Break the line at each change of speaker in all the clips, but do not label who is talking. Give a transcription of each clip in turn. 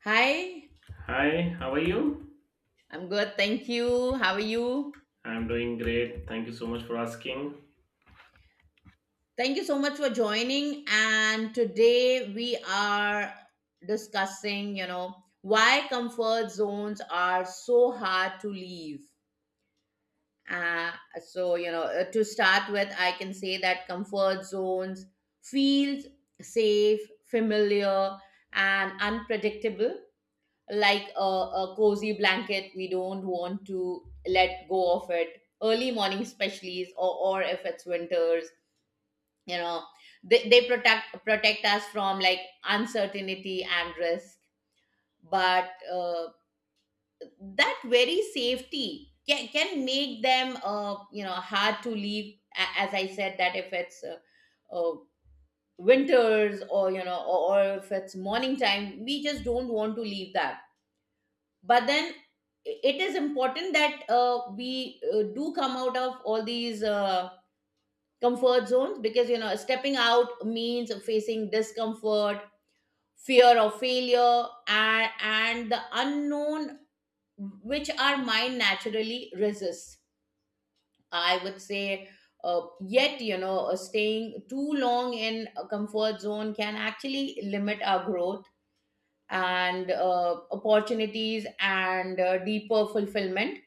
Hi,
Hi, how are you?
I'm good. Thank you. How are you?
I'm doing great. Thank you so much for asking.
Thank you so much for joining. And today we are discussing, why comfort zones are so hard to leave. Uh, to start with, I can say that comfort zones feels safe, familiar, and unpredictable like a cozy blanket we don't want to let go of it early morning especially or if it's winters, you know. They protect us from like uncertainty and risk, but that very safety can make them, you know, hard to leave. As I said, that if it's uh, winters, or you know, or if it's morning time, we just don't want to leave that. But then it is important that we do come out of all these comfort zones, because you know, stepping out means facing discomfort, fear of failure, and the unknown, which our mind naturally resists, I would say. Yet, you know, staying too long in a comfort zone can actually limit our growth and opportunities and deeper fulfillment.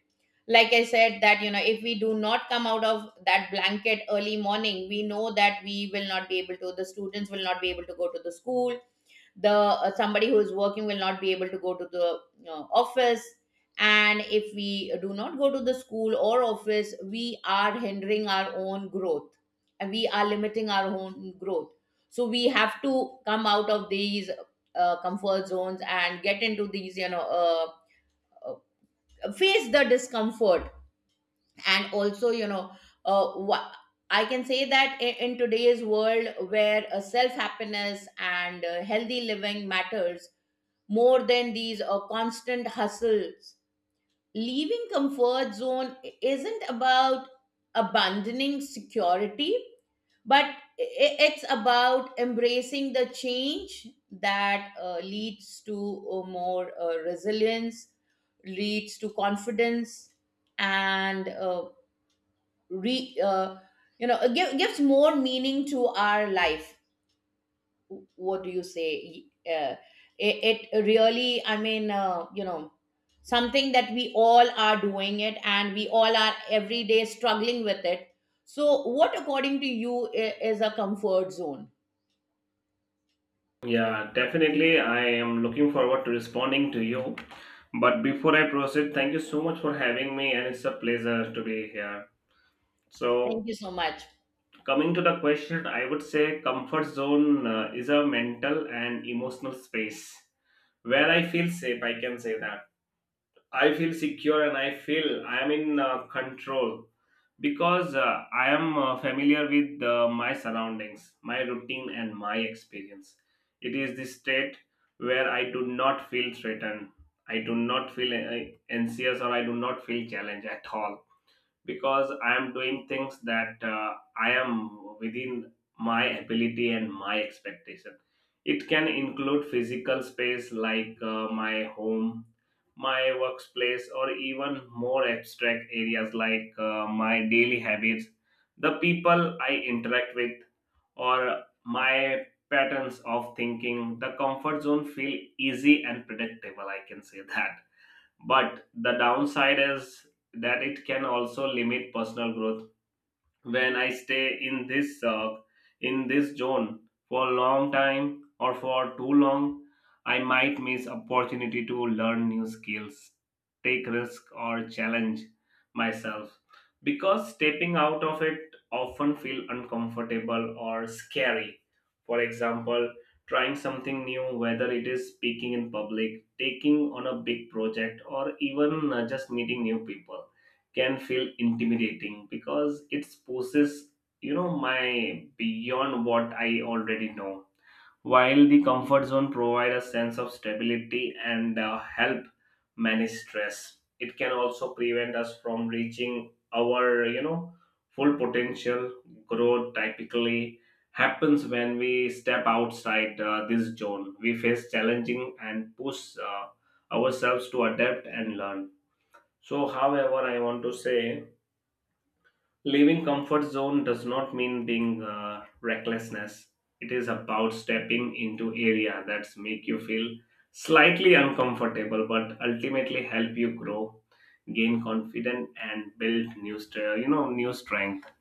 Like I said, that you know, if we do not come out of that blanket early morning, we know that we will not be able to, the students will not be able to go to the school. The somebody who is working will not be able to go to the, you know, office. And if we do not go to the school or office, we are hindering our own growth, and we are limiting our own growth. So we have to come out of these comfort zones and get into these, you know, face the discomfort. And also, you know, what I can say, that in today's world where self happiness and healthy living matters more than these constant hustles, leaving comfort zone isn't about abandoning security, but it's about embracing the change that leads to more resilience, leads to confidence, and re you know gives more meaning to our life. What do you say, it really, I mean, you know, something that we all are doing it, and we all are every day struggling with it. So what, according to you, is a comfort zone?
Yeah, definitely. I am looking forward to responding to you. But before I proceed, thank you so much for having me, and it's a pleasure to be here.
Thank
So,
you so much.
coming to the question, I would say comfort zone is a mental and emotional space where I feel safe. I can say that I feel secure and I feel I am in control because I am familiar with my surroundings, my routine, and my experience. It is the state where I do not feel threatened, I do not feel anxious, or I do not feel challenged at all because I am doing things that I am within my ability and my expectation. It can include physical space like my home, my workplace, or even more abstract areas like my daily habits, the people I interact with, or my patterns of thinking. The comfort zone feel easy and predictable, I can say that. But the downside is that it can also limit personal growth when I stay in this zone for a long time or for too long, I might miss opportunity to learn new skills, take risk or challenge myself because stepping out of it often feel uncomfortable or scary. For example, trying something new, whether it is speaking in public, taking on a big project, or even just meeting new people, can feel intimidating because it pushes, you know, my beyond what I already know. While the comfort zone provides a sense of stability and help manage stress, it can also prevent us from reaching our, you know, full potential. Growth typically happens when we step outside this zone, we face challenging and push uh, ourselves to adapt and learn. So however, I want to say leaving comfort zone does not mean being recklessness. It is about stepping into area that make you feel slightly uncomfortable, but ultimately help you grow, gain confidence, and build new stre you know, new strength.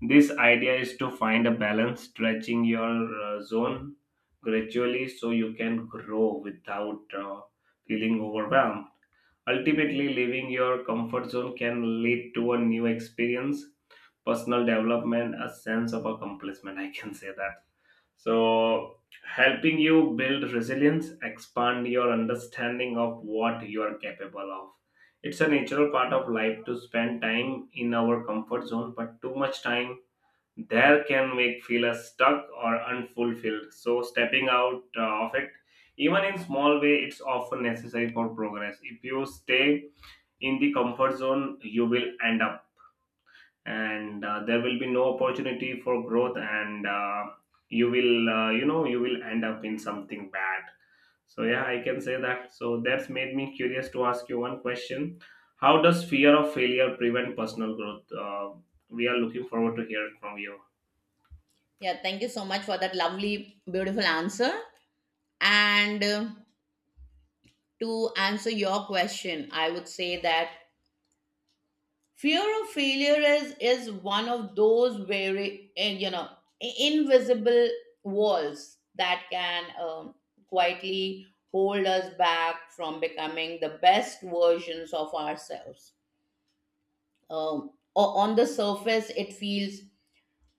This idea is to find a balance, stretching your zone gradually so you can grow without feeling overwhelmed. Ultimately, leaving your comfort zone can lead to a new experience, personal development, a sense of accomplishment. I can say that. So, helping you build resilience, expand your understanding of what you are capable of. It's a natural part of life to spend time in our comfort zone, but too much time there can make feel us stuck or unfulfilled. So stepping out of it, even in small way, it's often necessary for progress. If you stay in the comfort zone, you will end up, and there will be no opportunity for growth, and you will you know, you will end up in something bad. So yeah, I can say that. So that's made me curious to ask you one question. How does fear of failure prevent personal growth? We are looking forward to hear from you.
Yeah, thank you so much for that lovely, beautiful answer. And to answer your question, I would say that fear of failure is one of those very, you know, invisible walls that can, quietly hold us back from becoming the best versions of ourselves. On the surface, it feels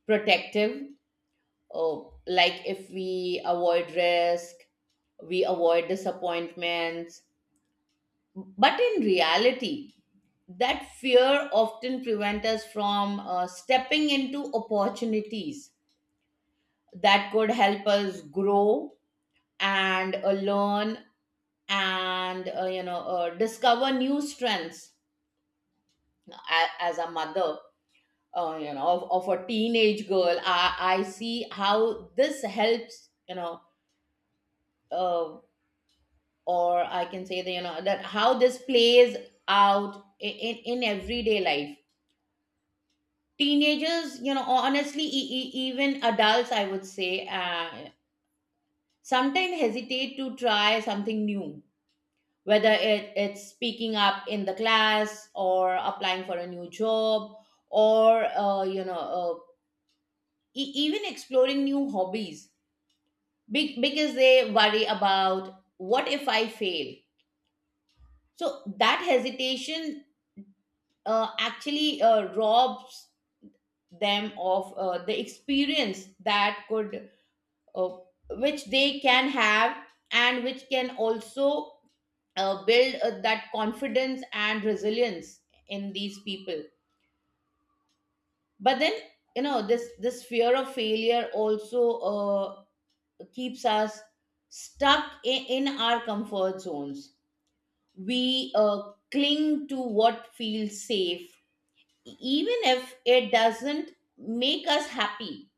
protective, uh, like if we avoid risk, we avoid disappointments. But in reality, that fear often prevents us from stepping into opportunities that could help us grow and learn and discover new strengths. As a mother, you know, of a teenage girl, I see how this helps, you know, uh, or I can say that, you know, that how this plays out in, in everyday life. Teenagers, you know, honestly, even adults, I would say, sometimes hesitate to try something new, whether it's speaking up in the class, or applying for a new job, or even exploring new hobbies, because they worry about, what if I fail? So that hesitation actually robs them of the experience that could uh, which they can have, and which can also build that confidence and resilience in these people. But then, you know, this fear of failure also uh, keeps us stuck in our comfort zones. We cling to what feels safe, even if it doesn't make us happy.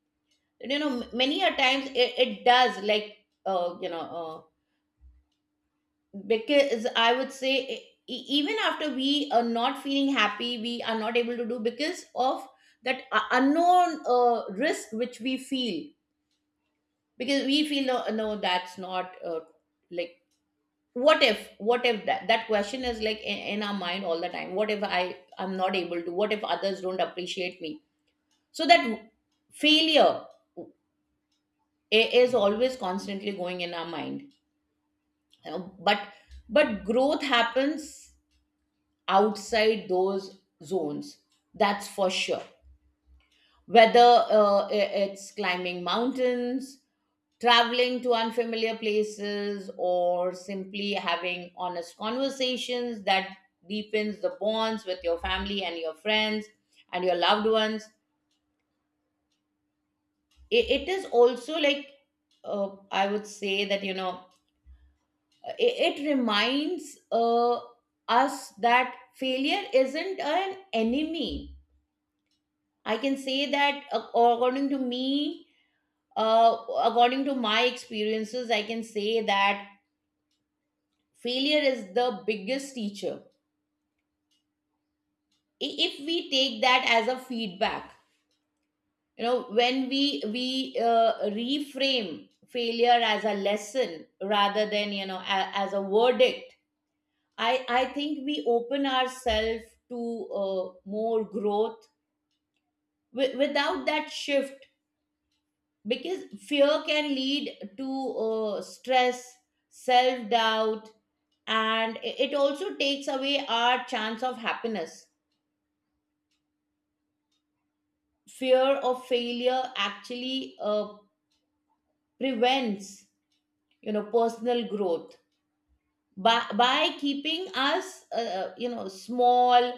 You know, many a times it does, like uh, you know uh, because I would say, even after we are not feeling happy, we are not able to do, because of that unknown risk which we feel, because we feel, no, no, that's not, like, what if, what if that question is like in our mind all the time. What if I, I'm not able to? What if others don't appreciate me? So that failure is always constantly going in our mind, you know. But growth happens outside those zones, that's for sure. Whether it's climbing mountains, traveling to unfamiliar places, or simply having honest conversations that deepens the bonds with your family and your friends and your loved ones. It is also like, I would say that, you know, it reminds us that failure isn't an enemy. I can say that, according to me, uh, according to my experiences, I can say that failure is the biggest teacher. If we take that as a feedback, you know, when we reframe failure as a lesson, rather than, you know, as a verdict, I think we open ourselves to uh, more growth. Without that shift, because fear can lead to stress, self doubt, and it also takes away our chance of happiness. Fear of failure actually prevents, you know, personal growth, by keeping us you know, small,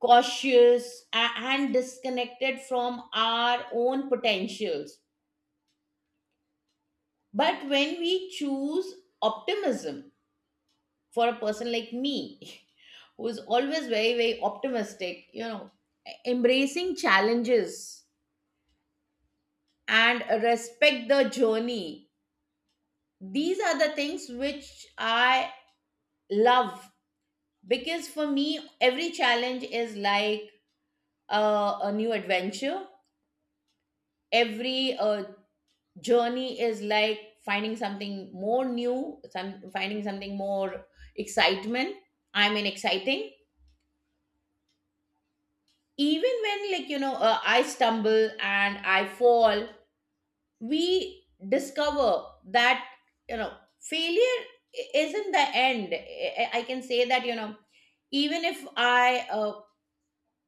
cautious and disconnected from our own potentials. But when we choose optimism, for a person like me who is always very very optimistic, you know, embracing challenges and respect the journey, these are the things which I love. Because for me, every challenge is like a, a new adventure. Every journey is like finding something more new, some finding something more excitement, I mean exciting. Even when, like, you know, I stumble and I fall, we discover that, you know, failure isn't the end. Can say that, you know, even if I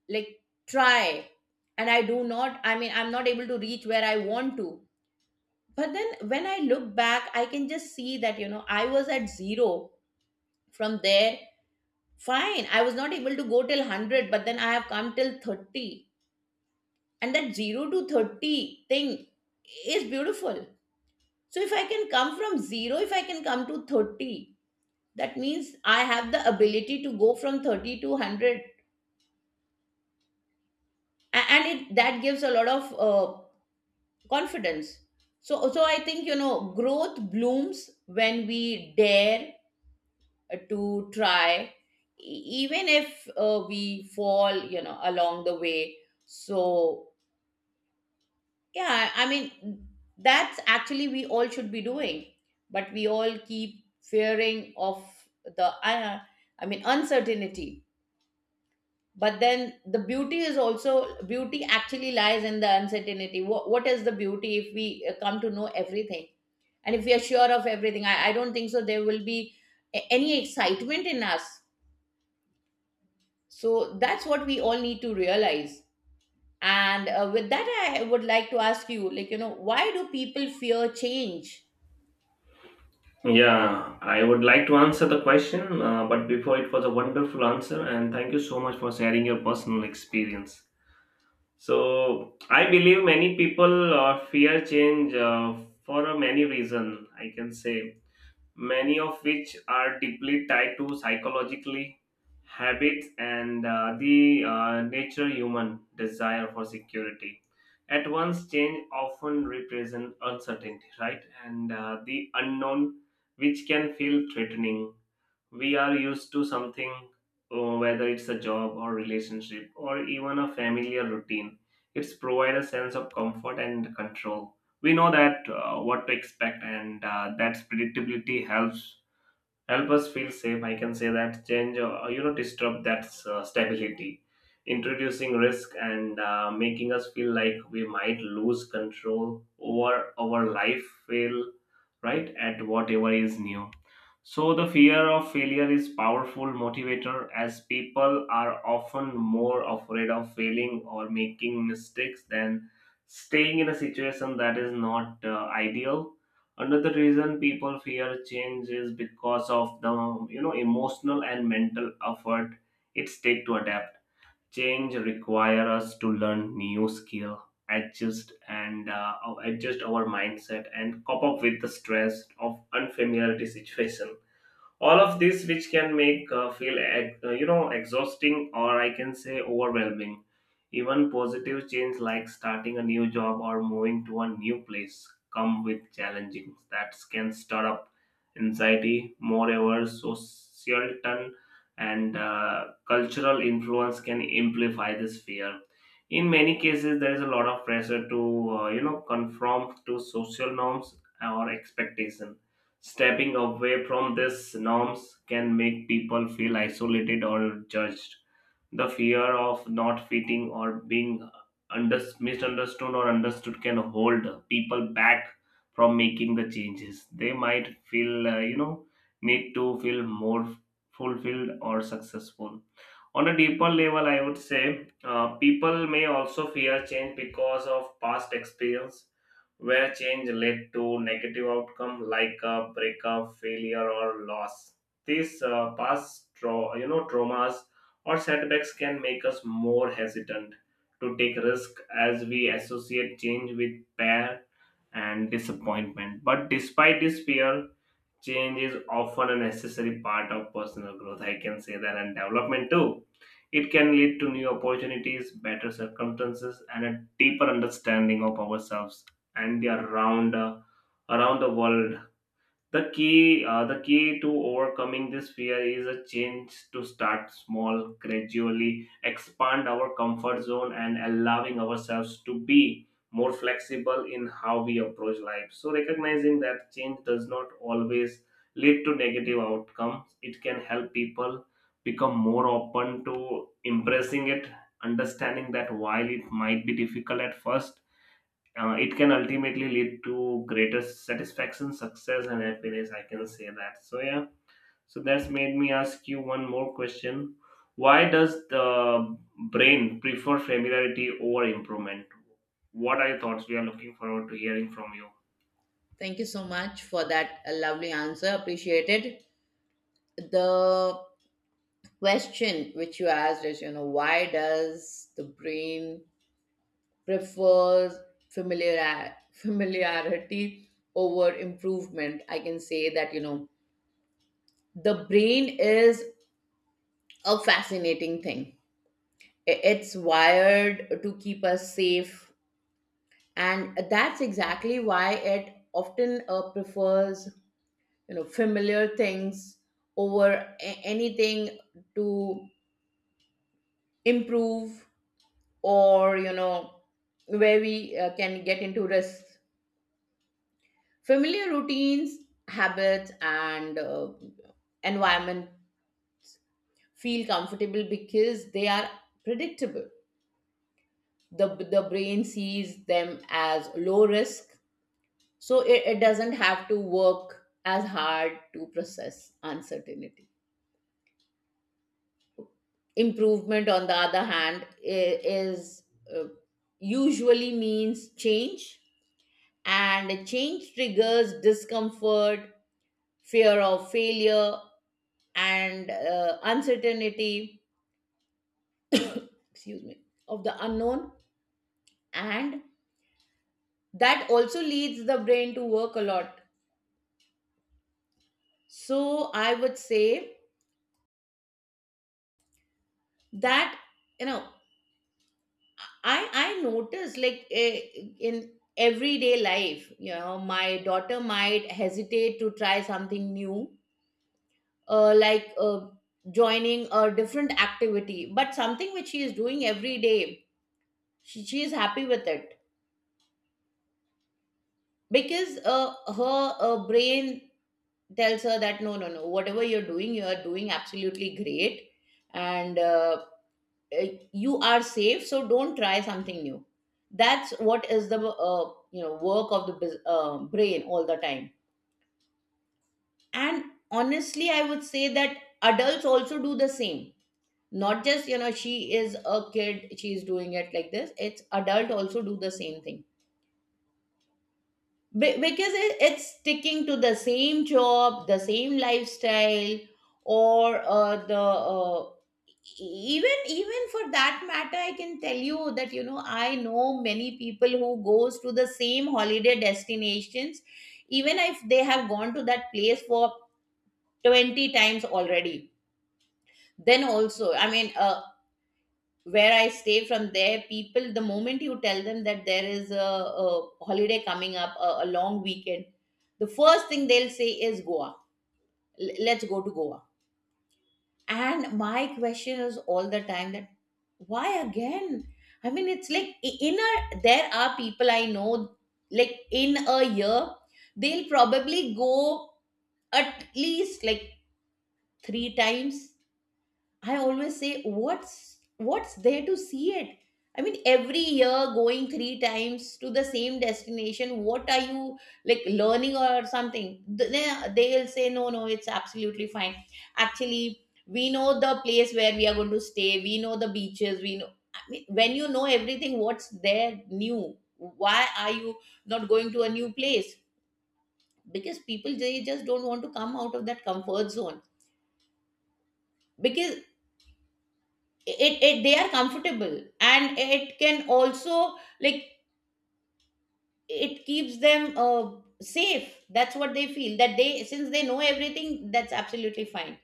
like try, and I do not, I mean, I'm not able to reach where I want to. But then, when I look back, I can just see that, you know, I was at zero. From there, fine, I was not able to go till 100, but then I have come till 30. And that 0 to 30 thing is beautiful. So if I can come from 0, if I can come to 30, that means I have the ability to go from 30 to 100. And it that gives a lot of confidence. So so I think, you know, growth blooms when we dare to try, even if we fall, you know, along the way. So yeah, I mean, that's actually we all should be doing, but we all keep fearing of the, I, I mean, uncertainty. But then the beauty is also, beauty actually lies in the uncertainty. What is the beauty if we come to know everything? And if we are sure of everything, I don't think so there will be any excitement in us. So that's what we all need to realize. And with that, I would like to ask you, like, you know, why do people fear change?
Yeah, I would like to answer the question, but before, it was a wonderful answer, and thank you so much for sharing your personal experience. So, I believe many people fear change for a many reason. I can say many of which are deeply tied to psychologically habits and the nature human desire for security. At once change often represent uncertainty, right, and the unknown, which can feel threatening. We are used to something, whether it's a job or relationship or even a familiar routine, it's provide a sense of comfort and control. We know that what to expect, and that's predictability help us feel safe. I can say that change, you know, disrupt that stability, introducing risk and making us feel like we might lose control over our life, feel right at whatever is new. So the fear of failure is powerful motivator, as people are often more afraid of failing or making mistakes than staying in a situation that is not ideal. Another reason people fear change is because of the, you know, emotional and mental effort it's take to adapt. Change require us to learn new skill, adjust and uh, adjust our mindset and cope up with the stress of unfamiliarity situation, all of this which can make you know, exhausting, or I can say overwhelming. Even positive change like starting a new job or moving to a new place come with challenges that can stir up anxiety. Moreover, social turn and cultural influence can amplify this fear. In many cases, there is a lot of pressure to you know, conform to social norms or expectation. Stepping away from these norms can make people feel isolated or judged. The fear of not fitting or being misunderstood or understood can hold people back from making the changes. They might feel, you know, need to feel more fulfilled or successful. On a deeper level, I would say people may also fear change because of past experience where change led to negative outcome like a breakup, failure, or loss. These you know, traumas or setbacks can make us more hesitant to take risk as we associate change with pain and disappointment. But despite this fear, change is often a necessary part of personal growth, I can say that, and development too. It can lead to new opportunities, better circumstances, and a deeper understanding of ourselves and the around the world. The key, the key to overcoming this fear is a change to start small, gradually expand our comfort zone, and allowing ourselves to be more flexible in how we approach life. So recognizing that change does not always lead to negative outcomes, it can help people become more open to embracing it, understanding that while it might be difficult at first, it can ultimately lead to greater satisfaction, success, and happiness. I can say that. So yeah. So that's made me ask you one more question. Why does the brain prefer familiarity over improvement? What are your thoughts? We are looking forward to hearing from you.
Thank you so much for that lovely answer. Appreciate it. The question which you asked is, you know, why does the brain prefers familiarity over improvement? I can say that, you know, the brain is a fascinating thing. It's wired to keep us safe, and that's exactly why it often prefers familiar things over anything to improve or where we can get into risk, familiar routines, habits and environment feel comfortable because they are predictable. The the brain sees them as low risk, so it doesn't have to work as hard to process uncertainty. Improvement on the other hand I- is uh, usually means change, and change triggers discomfort, fear of failure and uncertainty, excuse me, of the unknown. And that also leads the brain to work a lot. So I would say that, you know I notice, in everyday life, you know, my daughter might hesitate to try something new, uh, like uh, joining a different activity, but something which she is doing every day, she is happy with it because her brain tells her that no, no, no, whatever you're doing, you are doing absolutely great, and uh, you are safe, so don't try something new. That's what is the work of the brain all the time. And honestly I would say that adults also do the same. Not just, you know, she is a kid, she's doing it like this, it's adult also do the same thing. Because it's sticking to the same job, the same lifestyle, or the even even for that matter, I can tell you that, you know, I know many people who goes to the same holiday destinations even if they have gone to that place for 20 times already. Then also, I mean, where I stay, from there people, the moment you tell them that there is a holiday coming up, a long weekend, the first thing they'll say is Goa. Let's go to Goa. And my question is all the time that why again? I mean, it's like in a, there are people I know, like in a year they'll probably go at least like three times. I always say, what's there to see it? I mean, every year going three times to the same destination, what are you like learning or something? They'll say, no, no, it's absolutely fine. Actually, we know the place where we are going to stay. We know the beaches. We know. I mean, when you know everything, what's there new? Why are you not going to a new place? Because people, they just don't want to come out of that comfort zone, because it they are comfortable, and it can also like it keeps them safe. That's what they feel, that they, since they know everything, that's absolutely fine.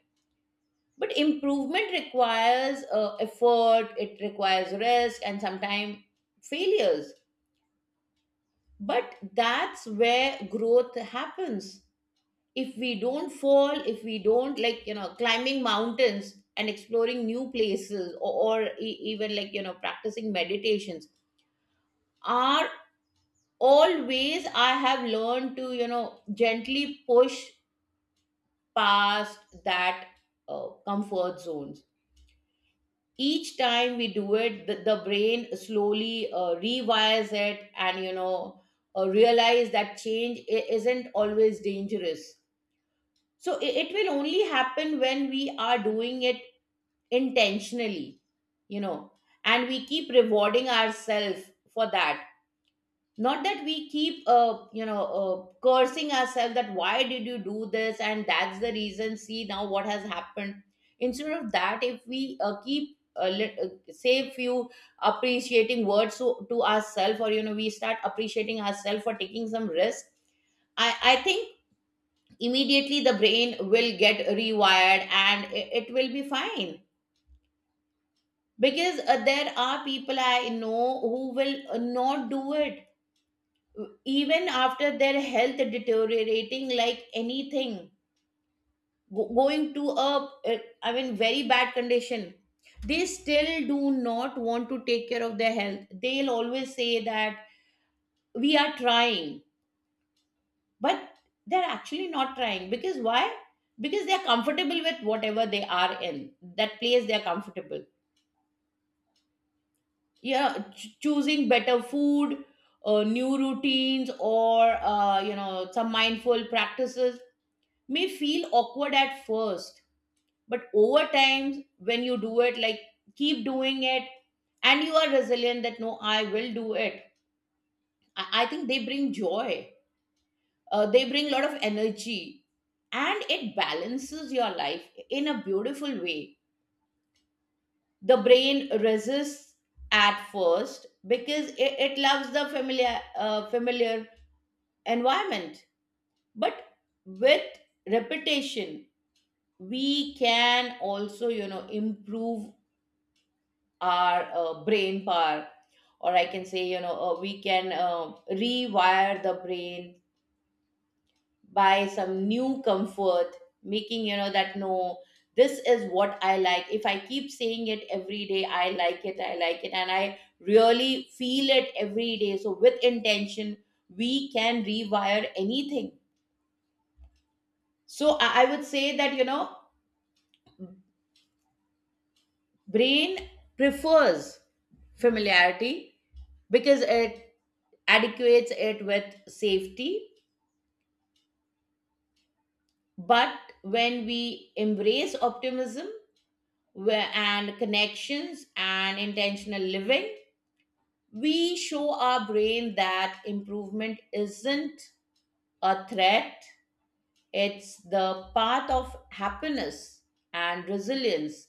But improvement requires effort, it requires risk and sometimes failures, but that's where growth happens. If we don't fall, if we don't, like, you know, climbing mountains and exploring new places, or even like, you know, practicing meditations, our, always I have learned to, you know, gently push past that comfort zones. Each time we do it, the brain slowly rewires it, and, you know, realize that change isn't always dangerous. So it will only happen when we are doing it intentionally, you know, and we keep rewarding ourselves for that. Not that we keep cursing ourselves that why did you do this, and that's the reason, see now what has happened. Instead of that, if we keep let, say few appreciating words to ourselves, or, you know, we start appreciating ourselves for taking some risk, I think immediately the brain will get rewired and it will be fine. Because there are people I know who will not do it even after their health deteriorating like anything, going to a I mean very bad condition. They still do not want to take care of their health. They'll always say that we are trying, but they're actually not trying. Because why? Because they're comfortable with whatever they are, in that place they're comfortable. Yeah, choosing better food, new routines, or you know, some mindful practices may feel awkward at first, but over time, when you do it, like keep doing it, and you are resilient that no, I will do it. I think they bring joy, they bring a lot of energy, and it balances your life in a beautiful way. The brain resists at first because it loves the familiar, familiar environment, but with repetition, we can also, you know, improve our brain power, or I can say, you know, we can rewire the brain by some new comfort, making, you know, that no, this is what I like. If I keep saying it every day, I like it, I like it, and I really feel it every day. So with intention, we can rewire anything. So I would say that, you know, brain prefers familiarity because it adequates it with safety. But when we embrace optimism and connections and intentional living, we show our brain that improvement isn't a threat, it's the path of happiness and resilience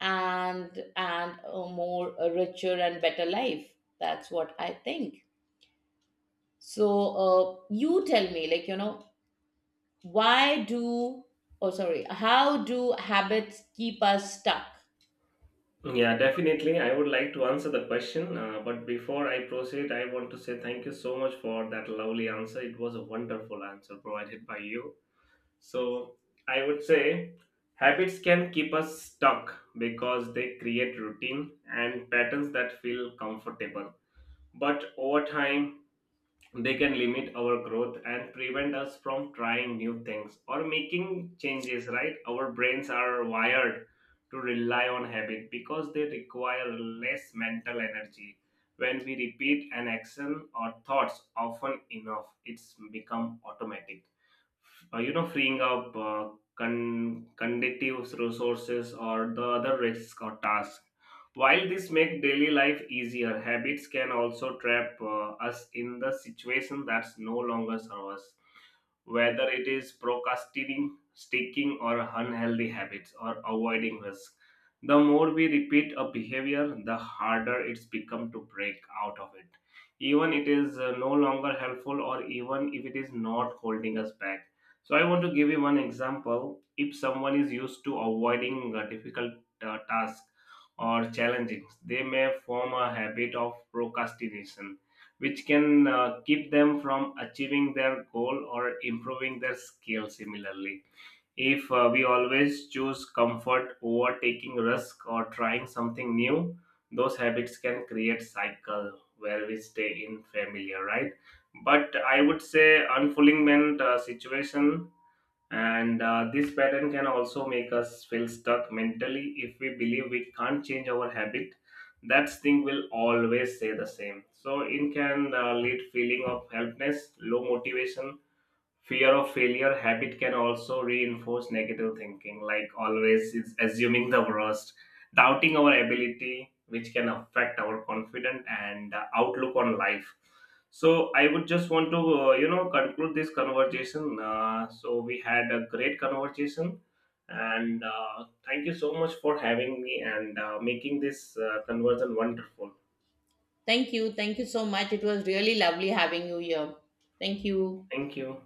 and a more, a richer and better life. That's what I think. So, you tell me, like, you know, why do, oh, sorry, how do habits keep us stuck?
Yeah, definitely. I would like to answer the question, but before I proceed, I want to say thank you so much for that lovely answer. It was a wonderful answer provided by you. So I would say habits can keep us stuck because they create routine and patterns that feel comfortable. But over time, they can limit our growth and prevent us from trying new things or making changes, right? Our brains are wired to rely on habit because they require less mental energy. When we repeat an action or thoughts often enough, it's become automatic, you know, freeing up con- conductive resources or the other risks or tasks. While this make daily life easier, habits can also trap us in the situation that's no longer serve us, whether it is procrastinating, sticking, or unhealthy habits, or avoiding risk. The more we repeat a behavior, the harder it's become to break out of it. Even it is no longer helpful, or even if it is not holding us back. So I want to give you one example. If someone is used to avoiding difficult tasks or challenges, they may form a habit of procrastination, which can keep them from achieving their goal or improving their skill. Similarly, if we always choose comfort over taking risk or trying something new, those habits can create cycle where we stay in familiar, right, but I would say unfulfillment situation. And this pattern can also make us feel stuck mentally. If we believe we can't change our habit, that thing will always stay the same, so it can lead feeling of helplessness, low motivation. Fear of failure habit can also reinforce negative thinking, like always is assuming the worst, doubting our ability, which can affect our confidence and outlook on life. So I would just want to you know, conclude this conversation. So we had a great conversation, and thank you so much for having me and making this conversion wonderful.
Thank you. Thank you so much. It was really lovely having you here. Thank you.
Thank you.